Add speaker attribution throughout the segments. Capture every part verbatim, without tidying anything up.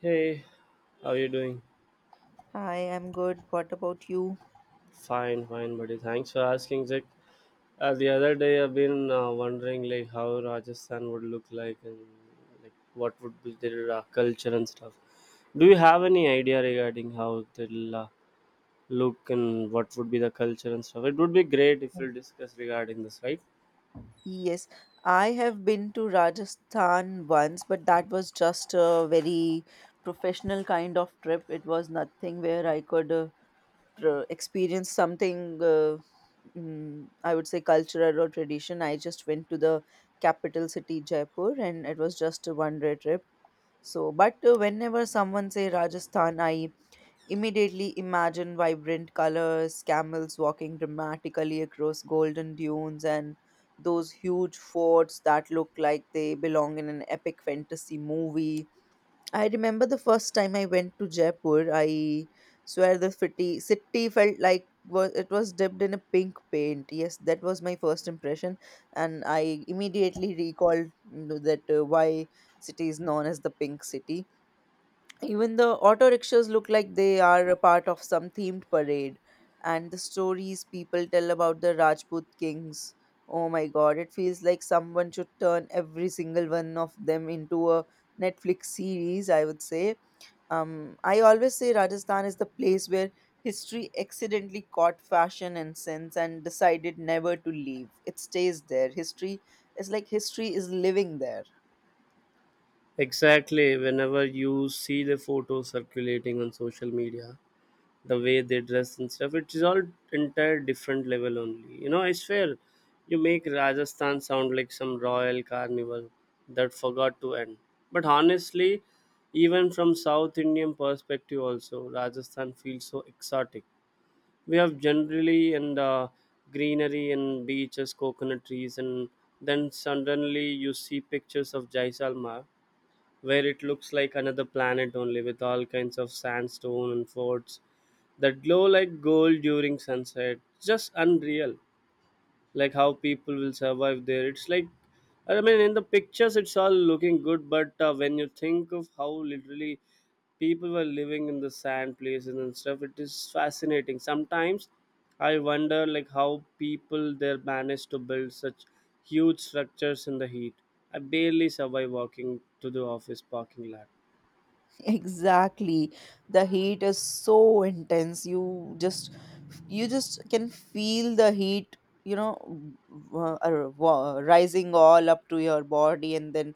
Speaker 1: Hey, how are you doing?
Speaker 2: Hi, I'm good. What about you?
Speaker 1: Fine, fine, buddy. Thanks for asking, Jack. Uh, the other day, I've been uh, wondering like how Rajasthan would look like and like what would be their uh, culture and stuff. Do you have any idea regarding how they'll uh, look and what would be the culture and stuff? It would be great if we'll discuss regarding this, right?
Speaker 2: Yes, I have been to Rajasthan once, but that was just a very professional kind of trip. It was nothing where I could uh, tr- experience something, uh, mm, I would say, cultural or tradition. I just went to the capital city, Jaipur, and it was just a one day trip. So, but uh, whenever someone say Rajasthan, I immediately imagine vibrant colors, camels walking dramatically across golden dunes, and those huge forts that look like they belong in an epic fantasy movie. I remember the first time I went to Jaipur, I swear the city, city felt like was it was dipped in a pink paint. Yes, that was my first impression, and I immediately recalled mm, that uh, why city is known as the pink city. Even the auto rickshaws look like they are a part of some themed parade, and the stories people tell about the Rajput kings. Oh my god, it feels like someone should turn every single one of them into a Netflix series, I would say. Um, I always say Rajasthan is the place where history accidentally caught fashion and sense and decided never to leave. It stays there. History is like history is living there.
Speaker 1: Exactly. Whenever you see the photos circulating on social media, the way they dress and stuff, it is all entire different level only, you know. I swear, you make Rajasthan sound like some royal carnival that forgot to end. But honestly, even from south Indian perspective also, Rajasthan feels so exotic. We have generally and uh, greenery and beaches, coconut trees, and then suddenly you see pictures of Jaisalmer where it looks like another planet only, with all kinds of sandstone and forts that glow like gold during sunset. Just unreal. Like how people will survive there. It's like, I mean, in the pictures it's all looking good, but uh, when you think of how literally people were living in the sand places and stuff, it is fascinating. Sometimes I wonder like how people there managed to build such huge structures in the heat. I barely survive walking to the office parking lot.
Speaker 2: Exactly. The heat is so intense. You just you just can feel the heat, you know, w- uh, wa- rising all up to your body and then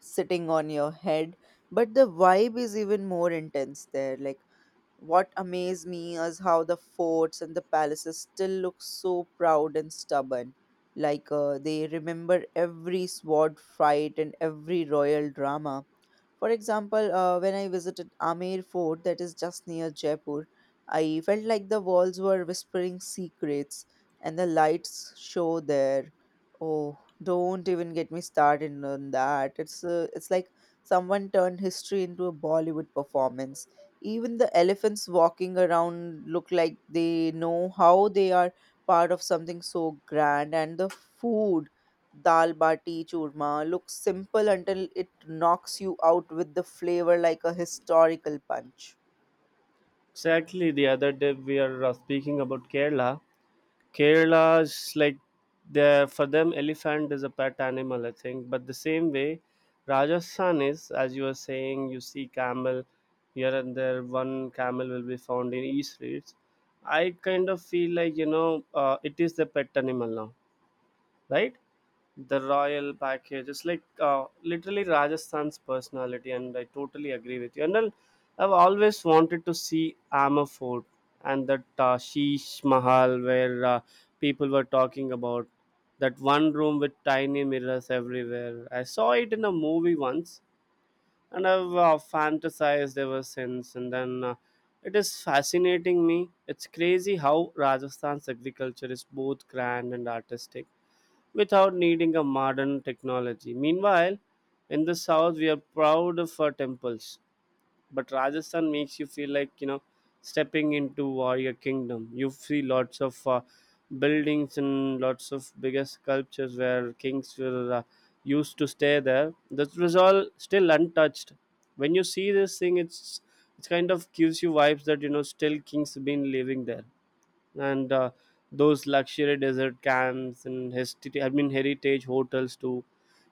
Speaker 2: sitting on your head. But the vibe is even more intense there. Like what amazed me is how the forts and the palaces still look so proud and stubborn. Like uh, they remember every sword fight and every royal drama. For example, uh, when I visited Amer Fort, that is just near Jaipur, I felt like the walls were whispering secrets and the lights show there. Oh, don't even get me started on that. It's uh, it's like someone turned history into a Bollywood performance. Even the elephants walking around look like they know how they are part of something so grand, and the food Dal bati churma looks simple until it knocks you out with the flavor like a historical punch.
Speaker 1: Exactly. The other day we are uh, speaking about Kerala. Kerala's like the, for them elephant is a pet animal, I think. But the same way, Rajasthan is, as you were saying, you see camel here and there. One camel will be found in e streets. I kind of feel like, you know, uh, it is the pet animal now, right? The royal package, it's like, uh, literally Rajasthan's personality, and I totally agree with you. And then I've always wanted to see Amar fort and that uh, sheesh mahal where uh, people were talking about, that one room with tiny mirrors everywhere. I saw it in a movie once and I've uh, fantasized ever since. And then uh, it is fascinating me. It's crazy how Rajasthan's agriculture is both grand and artistic without needing a modern technology. Meanwhile, in the south, we are proud of our temples, but Rajasthan makes you feel like, you know, stepping into warrior kingdom. You see lots of uh, buildings and lots of bigger sculptures where kings were uh, used to stay there, that was all still untouched. When you see this thing, it's it's kind of gives you vibes that, you know, still kings have been living there. And uh, those luxury desert camps and hesti- I mean heritage hotels too.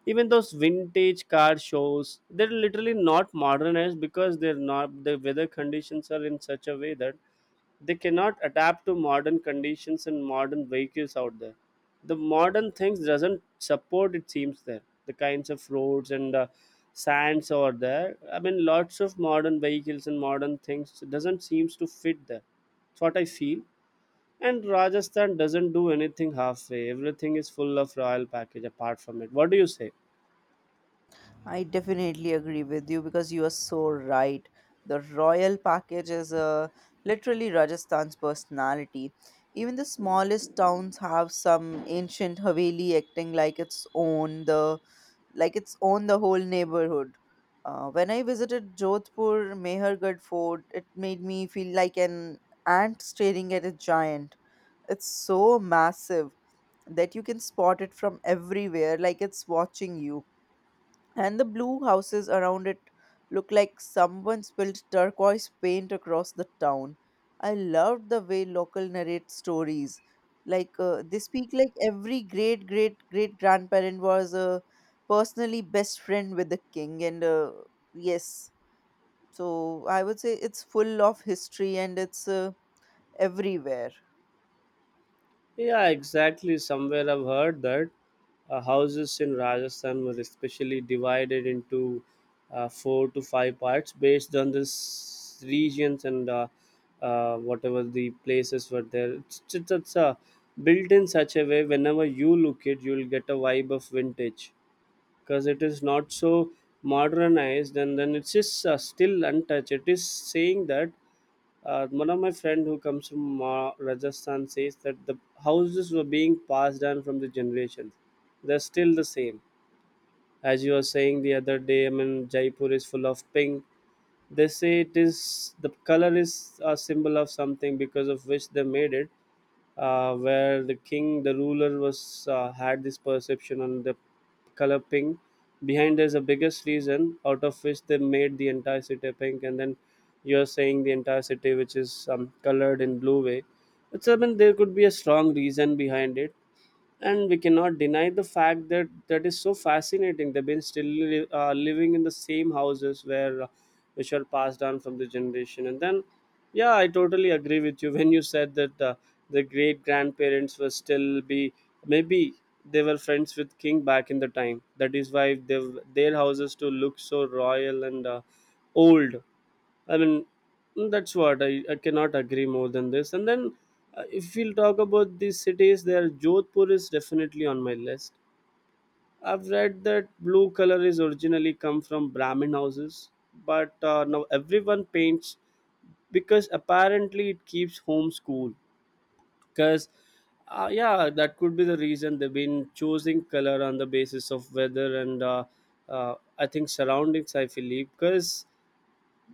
Speaker 1: Even those vintage car shows, they're literally not modernized because they're not, the weather conditions are in such a way that they cannot adapt to modern conditions and modern vehicles out there. The modern things doesn't support it seems there. The kinds of roads and uh, sands over there. I mean, lots of modern vehicles and modern things doesn't seems to fit there. That's what I feel. And Rajasthan doesn't do anything halfway. Everything is full of royal package apart from it. What do you say?
Speaker 2: I definitely agree with you because you are so right. The royal package is uh, literally Rajasthan's personality. Even the smallest towns have some ancient haveli acting like its own the like its own the whole neighborhood. Uh, when I visited Jodhpur Mehergarh Fort, it made me feel like an ant staring at a giant. It's so massive that you can spot it from everywhere, like it's watching you. And the blue houses around it look like someone spilled turquoise paint across the town. I loved the way local narrate stories. Like uh, they speak like every great great great grandparent was uh, personally best friend with the king. And uh, yes, so I would say it's full of history and it's uh, everywhere.
Speaker 1: Yeah, exactly. Somewhere I've heard that uh, houses in Rajasthan were especially divided into uh, four to five parts based on this regions and uh, uh, whatever the places were there. It's, it's, it's uh, built in such a way, whenever you look it, you'll get a vibe of vintage. Because it is not so modernized, and then it's just uh, still untouched. It is saying that uh, one of my friend who comes from uh, Rajasthan says that the houses were being passed down from the generations, they're still the same. As you were saying the other day, I mean Jaipur is full of pink. They say it is, the color is a symbol of something because of which they made it, uh, where the king, the ruler, was uh, had this perception on the color pink. Behind there's a biggest reason out of which they made the entire city pink, and then you're saying the entire city which is um, colored in blue way. It's, I mean, there could be a strong reason behind it, and we cannot deny the fact that that is so fascinating. They've been still li- uh, living in the same houses where uh, which are passed down from the generation. And then, yeah, I totally agree with you when you said that uh, the great grandparents were still be, maybe they were friends with king back in the time, that is why they, their houses to look so royal and uh, old. I mean, mm, that's what I, I cannot agree more than this. And then, uh, if we'll talk about these cities, there Jodhpur is definitely on my list. I've read that blue color is originally come from Brahmin houses, but uh, now everyone paints because apparently it keeps homes cool. Because, uh, yeah, that could be the reason they've been choosing color on the basis of weather and uh, uh, I think surroundings. I believe because,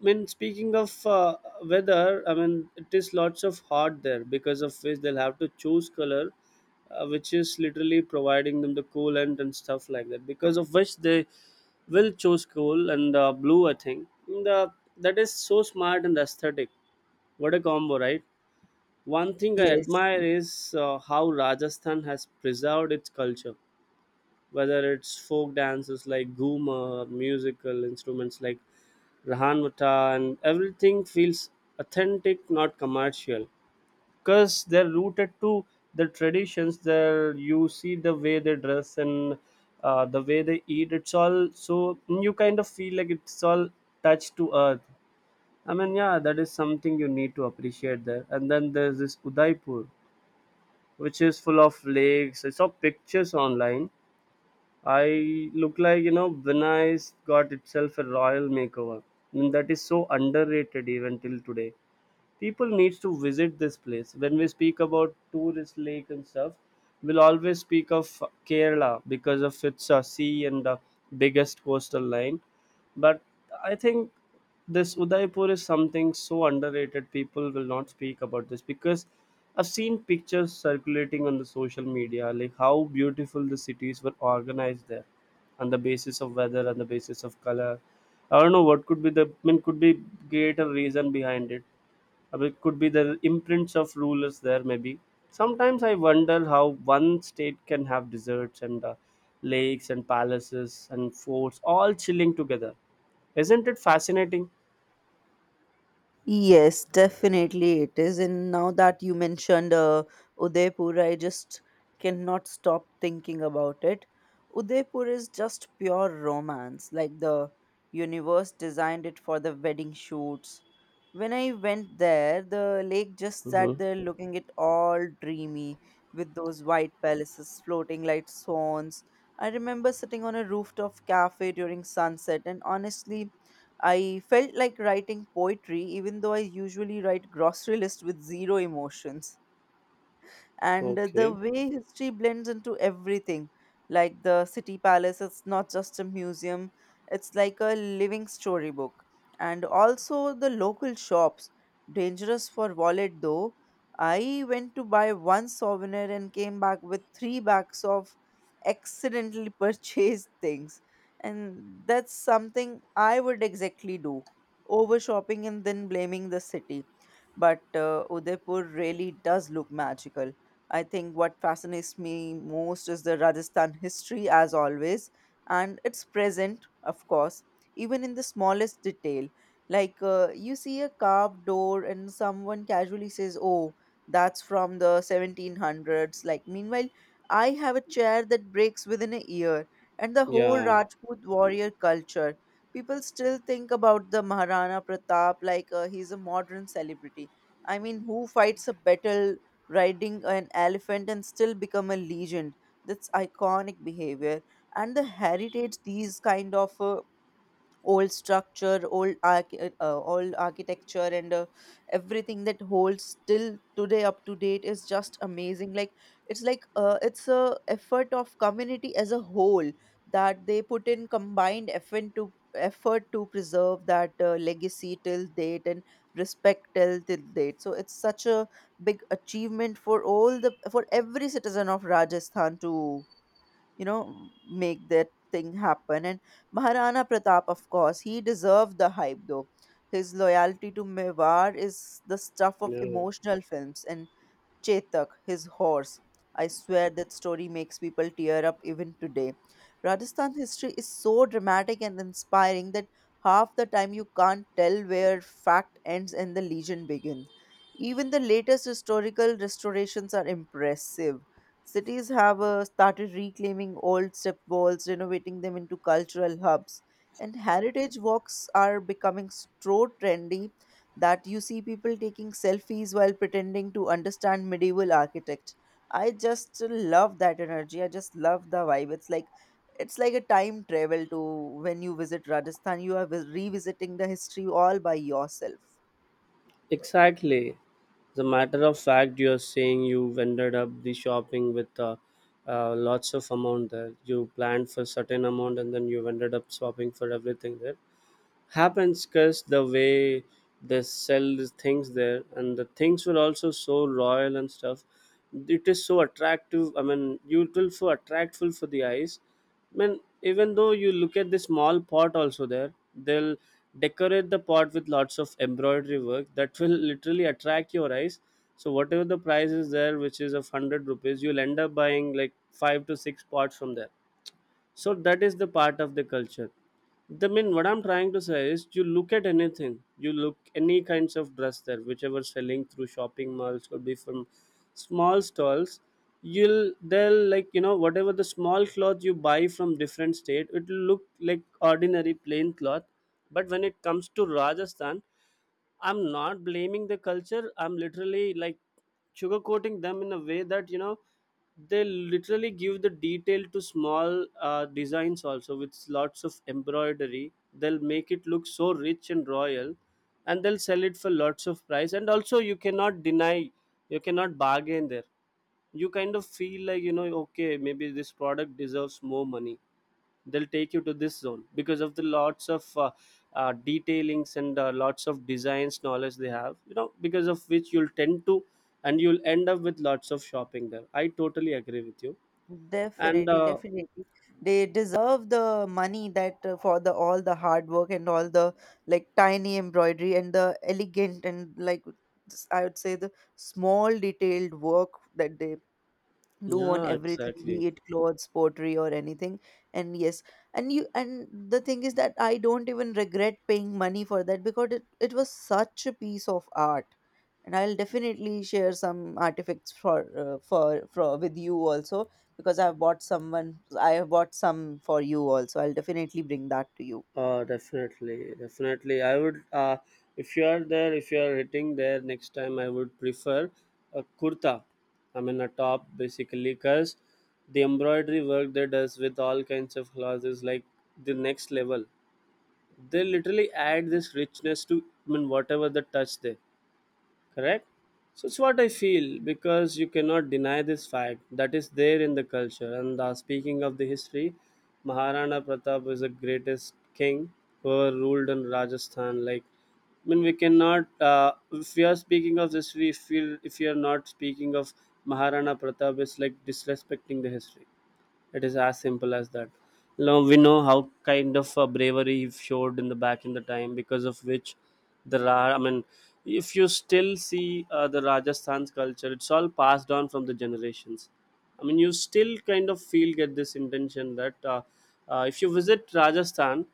Speaker 1: I mean, speaking of uh, weather, I mean, it is lots of hot there because of which they'll have to choose color, uh, which is literally providing them the coolant and stuff like that. Because of which they will choose cool and uh, blue, I think. And uh, that is so smart and aesthetic. What a combo, right? One thing I
Speaker 2: Yes,
Speaker 1: admire is uh, how Rajasthan has preserved its culture, whether it's folk dances like Guma or musical instruments like Rahanwata, and everything feels authentic, not commercial. Because they're rooted to the traditions there. You see the way they dress and uh, the way they eat, it's all so, you kind of feel like it's all touched to earth. I mean, yeah, that is something you need to appreciate there. And then there's this Udaipur which is full of lakes. I saw pictures online, I look like, you know, Venice got itself a royal makeover. And that is so underrated, even till today people needs to visit this place. When we speak about tourist lake and stuff, we'll always speak of Kerala because of its uh, sea and the biggest coastal line. But I think this Udaipur is something so underrated, people will not speak about this, because I've seen pictures circulating on the social media, like how beautiful the cities were organized there on the basis of weather, on the basis of color. I don't know what could be the, I mean, could be greater reason behind it. Uh, It could be the imprints of rulers there, maybe. Sometimes I wonder how one state can have deserts and uh, lakes and palaces and forts all chilling together. Isn't it fascinating?
Speaker 2: yes, definitely it is. And now that you mentioned uh, Udaipur, I just cannot stop thinking about it. Udaipur is just pure romance, like the universe designed it for the wedding shoots. When I went there, the lake just sat
Speaker 1: Mm-hmm.
Speaker 2: there looking it all dreamy with those white palaces floating like swans. I remember sitting on a rooftop cafe during sunset, and honestly, I felt like writing poetry, even though I usually write grocery list with zero emotions. And uh, The
Speaker 1: Okay.
Speaker 2: way history blends into everything, like the city palace, it's not just a museum, it's like a living storybook. And also the local shops, dangerous for wallet though. I went to buy one souvenir and came back with three bags of accidentally purchased things, and that's something I would exactly do: over shopping and then blaming the city. But uh, Udaipur really does look magical. I think what fascinates me most is the Rajasthan history, as always, and it's present, of course, even in the smallest detail. Like uh, you see a carved door, and someone casually says, "Oh, that's from the seventeen hundreds." Like meanwhile, I have a chair that breaks within a year, and the whole
Speaker 1: Yeah.
Speaker 2: Rajput warrior culture, people still think about the Maharana Pratap like uh, he's a modern celebrity. I mean, who fights a battle riding an elephant and still become a legend? That's iconic behavior. And the heritage, these kind of uh, old structure old arch- uh, old architecture and uh, everything that holds still today up to date is just amazing. Like it's like uh, it's a effort of community as a whole that they put in combined effort to effort to preserve that uh, legacy till date and respect till till date. So it's such a big achievement for all the, for every citizen of Rajasthan to, you know, make that thing happen. And Maharana Pratap, of course, he deserved the hype though. His loyalty to Mewar is the stuff of
Speaker 1: Yeah.
Speaker 2: emotional films. And Chetak, his horse. I swear that story makes people tear up even today. Rajasthan history is so dramatic and inspiring that half the time you can't tell where fact ends and the legend begins. Even the latest historical restorations are impressive. Cities have uh, started reclaiming old step walls, renovating them into cultural hubs, and heritage walks are becoming so trendy that you see people taking selfies while pretending to understand medieval architect. I just love that energy. I just love the vibe. It's like it's like a time travel to when you visit Rajasthan. You are vis- revisiting the history all by yourself.
Speaker 1: Exactly. As a matter of fact, you're saying you ended up the shopping with uh, uh, lots of amount there. You planned for certain amount and then you ended up shopping for everything there. Happens because the way they sell these things there and the things were also so royal and stuff, it is so attractive. I mean, you, it will so attractful for the eyes. I mean, even though you look at the small pot also, there they'll decorate the pot with lots of embroidery work that will literally attract your eyes. So whatever the price is there, which is of one hundred rupees, you'll end up buying like five to six pots from there. So that is the part of the culture. The mean, what I'm trying to say is, you look at anything, you look any kinds of dress there, whichever selling through shopping malls or be from small stalls, you'll, they'll like, you know, whatever the small cloth you buy from different state, it'll look like ordinary plain cloth. But when it comes to Rajasthan, I'm not blaming the culture. I'm literally like sugarcoating them in a way that, you know, they literally give the detail to small uh, designs also with lots of embroidery. They'll make it look so rich and royal, and they'll sell it for lots of price. And also, you cannot deny, you cannot bargain there. You kind of feel like, you know, okay, maybe this product deserves more money. They'll take you to this zone because of the lots of uh, uh, detailings and uh, lots of designs knowledge they have, you know because of which you'll tend to and you'll end up with lots of shopping there. I totally agree with you. And
Speaker 2: Definitely,
Speaker 1: uh,
Speaker 2: definitely. They deserve the money that uh, for the all the hard work and all the like tiny embroidery and the elegant and like s- I would say the small detailed work that they do on
Speaker 1: Yeah,
Speaker 2: everything,
Speaker 1: exactly.
Speaker 2: be it clothes, pottery or anything. And yes, and you and the thing is that I don't even regret paying money for that because it, it was such a piece of art. And I'll definitely share some artifacts for uh, for for with you also, because i've bought someone I have bought some for you also. I'll definitely bring that to you.
Speaker 1: Uh, definitely, definitely. I would, uh, if you are there, if you are hitting there next time, I would prefer a kurta. I mean, a top, basically, because the embroidery work they does with all kinds of clothes is like the next level. They literally add this richness to, I mean, whatever the touch they— correct. So it's what I feel, because you cannot deny this fact that is there in the culture. And uh, Speaking of the history, Maharana Pratap is the greatest king who ruled in Rajasthan. Like, I mean, we cannot. Uh, if we are speaking of this, we feel, if we are not speaking of Maharana Pratap, it's like disrespecting the history. It is as simple as that. Now we know how kind of uh, bravery he showed in the back in the time, because of which the Ra. I mean, if you still see uh, the Rajasthan's culture, it's all passed on from the generations. I mean, you still kind of feel, get this intention that uh, uh, if you visit Rajasthan,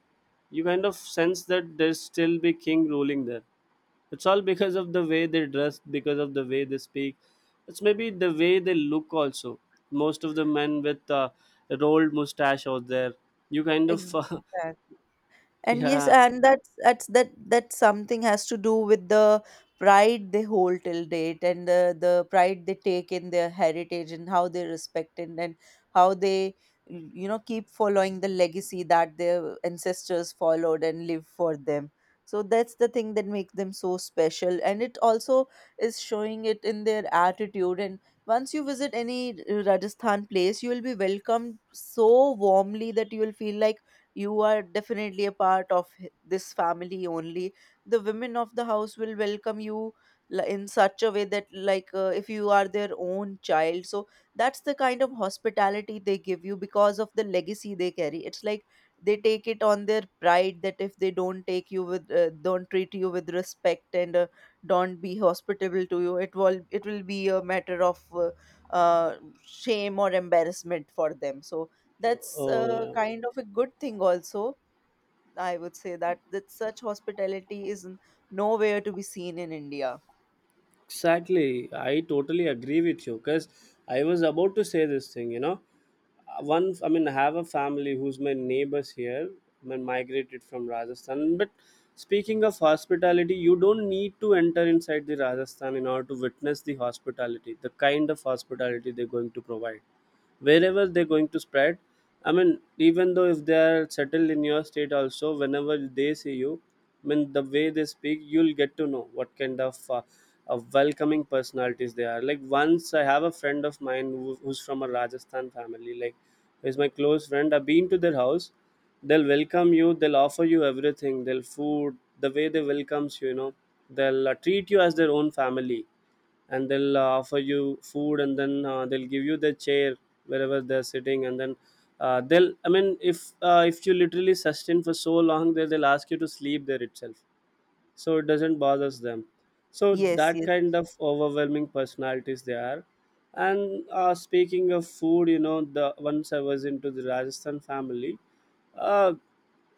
Speaker 1: you kind of sense that there's still be king ruling there. It's all because of the way they dress, because of the way they speak. It's maybe the way they look also. Most of the men with uh, rolled mustache out there, you kind of—
Speaker 2: Exactly. And yes,
Speaker 1: yeah,
Speaker 2: and that's that's that that something has to do with the pride they hold till date, and the the pride they take in their heritage and how they respect it, and how they, you know, keep following the legacy that their ancestors followed and live for them. So that's the thing that makes them so special, and it also is showing it in their attitude. And once you visit any Rajasthan place, you will be welcomed so warmly that you will feel like you are definitely a part of h- this family only. The women of the house will welcome you li- in such a way that, like uh, if you are their own child. So that's the kind of hospitality they give you because of the legacy they carry. It's like they take it on their pride that if they don't take you with uh, don't treat you with respect and uh, don't be hospitable to you, it will it will be a matter of uh, uh, shame or embarrassment for them. So that's
Speaker 1: oh
Speaker 2: uh,
Speaker 1: yeah.
Speaker 2: kind of a good thing also, I would say. That that such hospitality is n- nowhere to be seen in India.
Speaker 1: Exactly. I totally agree with you, because I was about to say this thing, you know. Uh, One, I mean, I have a family who's my neighbors here, I mean, migrated from Rajasthan. But speaking of hospitality, you don't need to enter inside the Rajasthan in order to witness the hospitality, the kind of hospitality they're going to provide wherever they're going to spread. I mean, even though if they are settled in your state also, whenever they see you, I mean, the way they speak, you'll get to know what kind of uh, of welcoming personalities they are. Like, once, I have a friend of mine who, who's from a Rajasthan family, like, is my close friend. I've been to their house. They'll welcome you, they'll offer you everything, they'll food the way they welcomes you you know They'll uh, treat you as their own family, and they'll uh, offer you food, and then uh, they'll give you the chair wherever they're sitting, and then uh, they'll, I mean, if uh, if you literally sustain for so long there, they'll ask you to sleep there itself. So it doesn't bothers them. So
Speaker 2: Yes,
Speaker 1: that
Speaker 2: yes.
Speaker 1: kind of overwhelming personalities they are. And uh, Speaking of food, you know the once I was into the Rajasthan family, uh,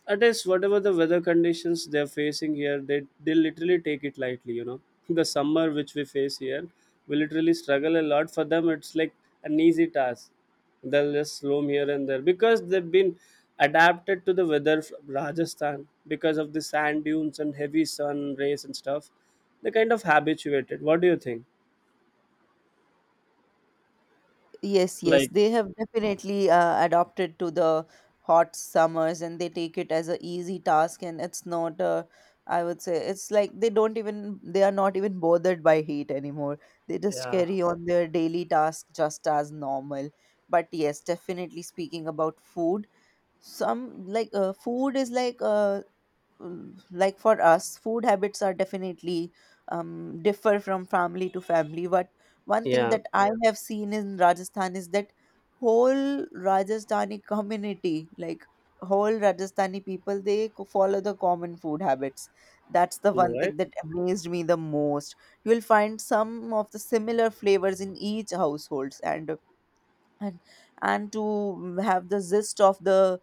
Speaker 1: at least whatever the weather conditions they're facing here, they, they literally take it lightly, you know the summer which we face here, we literally struggle a lot. For them it's like an easy task. They'll just roam here and there because they've been adapted to the weather from Rajasthan because of the sand dunes and heavy sun rays and stuff. They kind of habituated. What do you think?
Speaker 2: Yes, yes,
Speaker 1: Like,
Speaker 2: they have definitely uh, adopted to the hot summers and they take it as a easy task, and it's not uh, I would say it's like they don't even, they are not even bothered by heat anymore. They just
Speaker 1: yeah,
Speaker 2: carry on their daily task just as normal. But yes, definitely speaking about food, some like uh, food is like uh, um, like for us food habits are definitely um, differ from family to family. But one thing
Speaker 1: yeah,
Speaker 2: that I, yeah, have seen in Rajasthan is that whole Rajasthani community, like whole Rajasthani people, they co- follow the common food habits. That's the one
Speaker 1: right.
Speaker 2: thing that amazed me the most. You'll find some of the similar flavors in each households. And and and to have the zest of the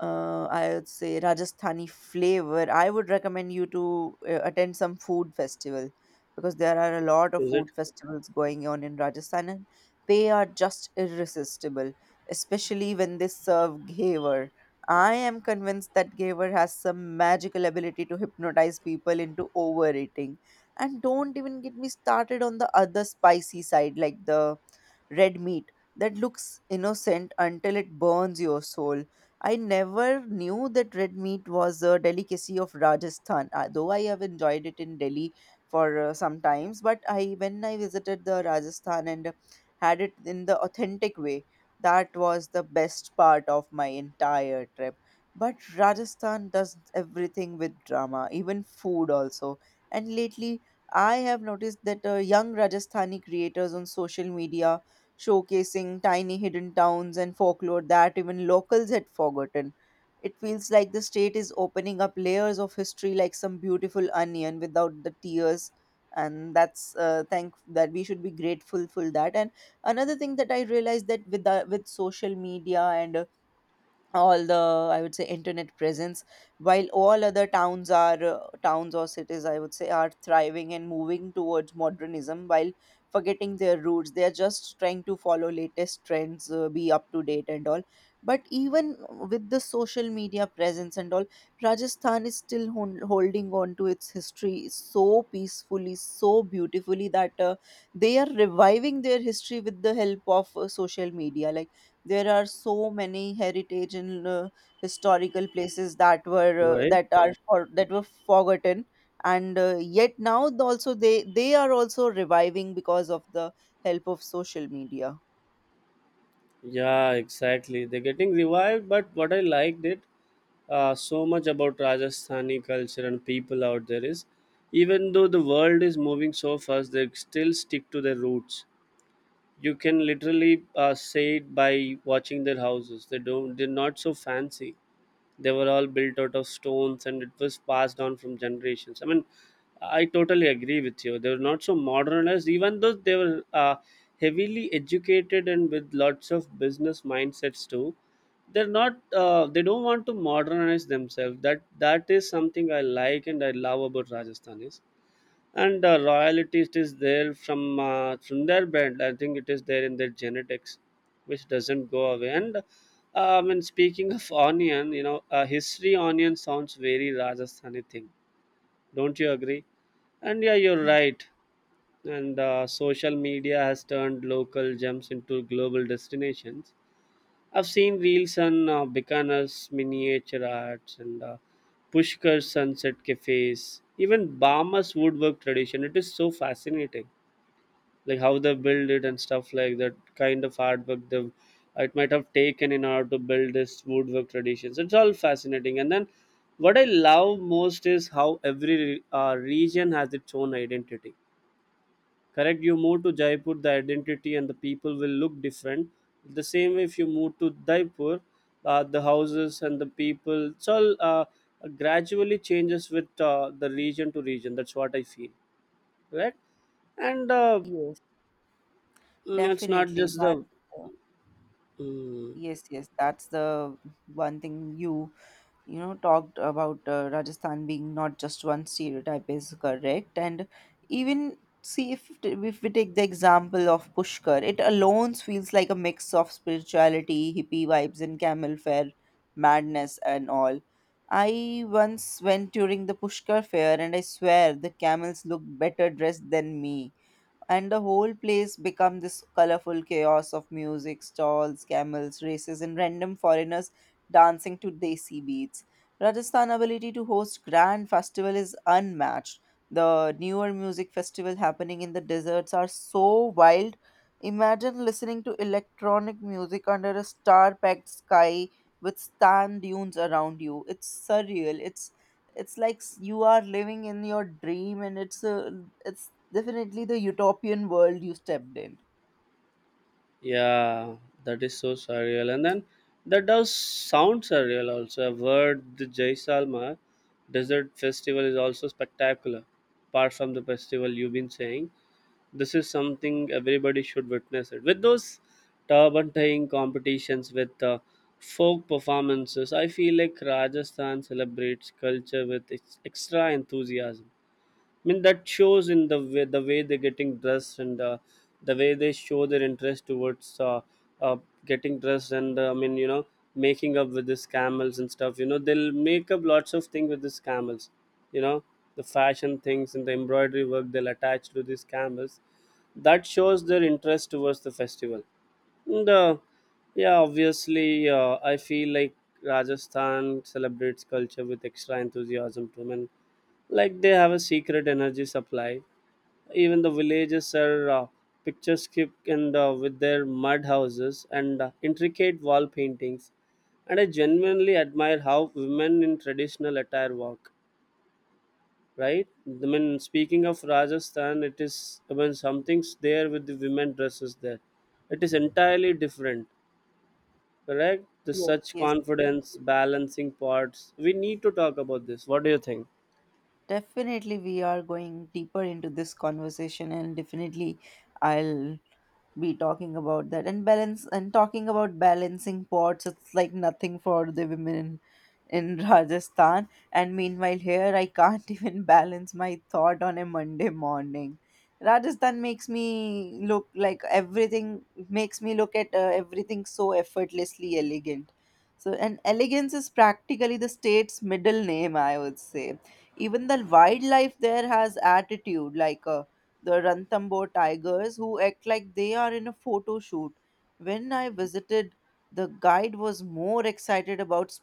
Speaker 2: uh, I would say Rajasthani flavor, I would recommend you to uh, attend some food festival, because there are a lot of
Speaker 1: Is it?
Speaker 2: food festivals going on in Rajasthan and they are just irresistible, especially when they serve Ghevar. I am convinced that Ghevar has some magical ability to hypnotize people into overeating. And don't even get me started on the other spicy side, like the red meat that looks innocent until it burns your soul. I never knew that red meat was a delicacy of Rajasthan, uh, though I have enjoyed it in Delhi for uh, some times. But I, when I visited the Rajasthan and had it in the authentic way, that was the best part of my entire trip. But Rajasthan does everything with drama, even food also. And lately, I have noticed that uh, young Rajasthani creators on social media showcasing tiny hidden towns and folklore that even locals had forgotten. It feels like the state is opening up layers of history like some beautiful onion without the tears. And that's uh, thank that we should be grateful for that. And another thing that I realized, that with the, with social media and uh, all the, I would say, internet presence, while all other towns are uh, towns or cities, I would say, are thriving and moving towards modernism while forgetting their roots, they are just trying to follow latest trends, uh, be up to date and all. But even with the social media presence and all, Rajasthan is still hon- holding on to its history so peacefully, so beautifully, that uh, they are reviving their history with the help of uh, social media. Like, there are so many heritage and uh, historical places that were uh,
Speaker 1: Right.
Speaker 2: that are for, that were forgotten, and uh, yet now th- also they they are also reviving because of the help of social media.
Speaker 1: Yeah, exactly. They're getting revived, but what I liked it uh, so much about Rajasthani culture and people out there is, even though the world is moving so fast, they still stick to their roots. You can literally uh, say it by watching their houses. They don't. They're not so fancy. They were all built out of stones and it was passed on from generations. I mean, I totally agree with you, they were not so modernized, even though they were uh, heavily educated and with lots of business mindsets too. They're not uh, they don't want to modernize themselves. That that is something I like and I love about Rajasthan is— and uh, royalty, it is there from uh, from their band. I think it is there in their genetics, which doesn't go away. And uh, When speaking of onion, you know uh, history onion sounds very Rajasthani thing, don't you agree? And yeah, you're right. and uh, Social media has turned local gems into global destinations. I've seen reels on uh, Bikaner's miniature arts and uh, Pushkar Sunset Cafes, even Bama's woodwork tradition. It is so fascinating, like how they build it and stuff, like that kind of artwork they— it might have taken in order to build this woodwork traditions, it's all fascinating. And then what I love most is how every re- uh, region has its own identity. Correct, you move to Jaipur, the identity and the people will look different. The same way, if you move to Jaipur, uh, the houses and the people, it's all uh, gradually changes with uh, the region to region. That's what I feel. Right. and uh,
Speaker 2: Yes,
Speaker 1: mm, it's not
Speaker 2: definitely.
Speaker 1: just
Speaker 2: That
Speaker 1: the—
Speaker 2: uh,
Speaker 1: mm,
Speaker 2: yes, yes, that's the one thing you, you know talked about uh, Rajasthan being not just one stereotype, is correct. And even see, if t- if we take the example of Pushkar, it alone feels like a mix of spirituality, hippie vibes, and camel fair madness and all. I once went during the Pushkar fair and I swear the camels looked better dressed than me, and the whole place become this colorful chaos of music, stalls, camels, races, and random foreigners dancing to desi beats. Rajasthan's ability to host grand festival is unmatched. The newer music festival happening in the deserts are so wild. Imagine listening to electronic music under a star-packed sky with sand dunes around you. It's surreal. It's it's like s- you are living in your dream and it's a, it's definitely the utopian world you stepped in.
Speaker 1: yeah, that is so surreal. And then that does sound surreal also. I've heard the Jaisalmer Desert Festival is also spectacular. Apart from the festival you've been saying, this is something everybody should witness it. With those turban tying competitions with uh, folk performances, I feel like Rajasthan celebrates culture with ex- extra enthusiasm. I mean, that shows in the way, the way they're getting dressed, and uh, the way they show their interest towards uh, uh, getting dressed, and uh, I mean, you know, making up with these camels and stuff. You know, they'll make up lots of things with these camels. You know, the fashion things and the embroidery work they'll attach to these camels. That shows their interest towards the festival. And uh, yeah, obviously uh, I feel like Rajasthan celebrates culture with extra enthusiasm too. I mean, like they have a secret energy supply. Even the villages are uh, picturesque, and uh, with their mud houses and uh, intricate wall paintings. And I genuinely admire how women in traditional attire walk. Right, I mean, speaking of Rajasthan, it is, I mean, something's there with the women dresses there. It is entirely different. Correct, the
Speaker 2: Yes,
Speaker 1: such
Speaker 2: yes. def-
Speaker 1: confidence balancing parts, we need to talk about this. What do you think?
Speaker 2: Definitely, we are going deeper into this conversation, and definitely, I'll be talking about that. And balance, and talking about balancing pots, it's like nothing for the women in, in Rajasthan. And meanwhile here I can't even balance my thought on a Monday morning. Rajasthan makes me look like Everything makes me look at uh, everything so effortlessly elegant. So, and elegance is practically the state's middle name, I would say. Even the wildlife there has attitude, like a the Ranthambore tigers, who act like they are in a photo shoot. When I visited, the guide was more excited about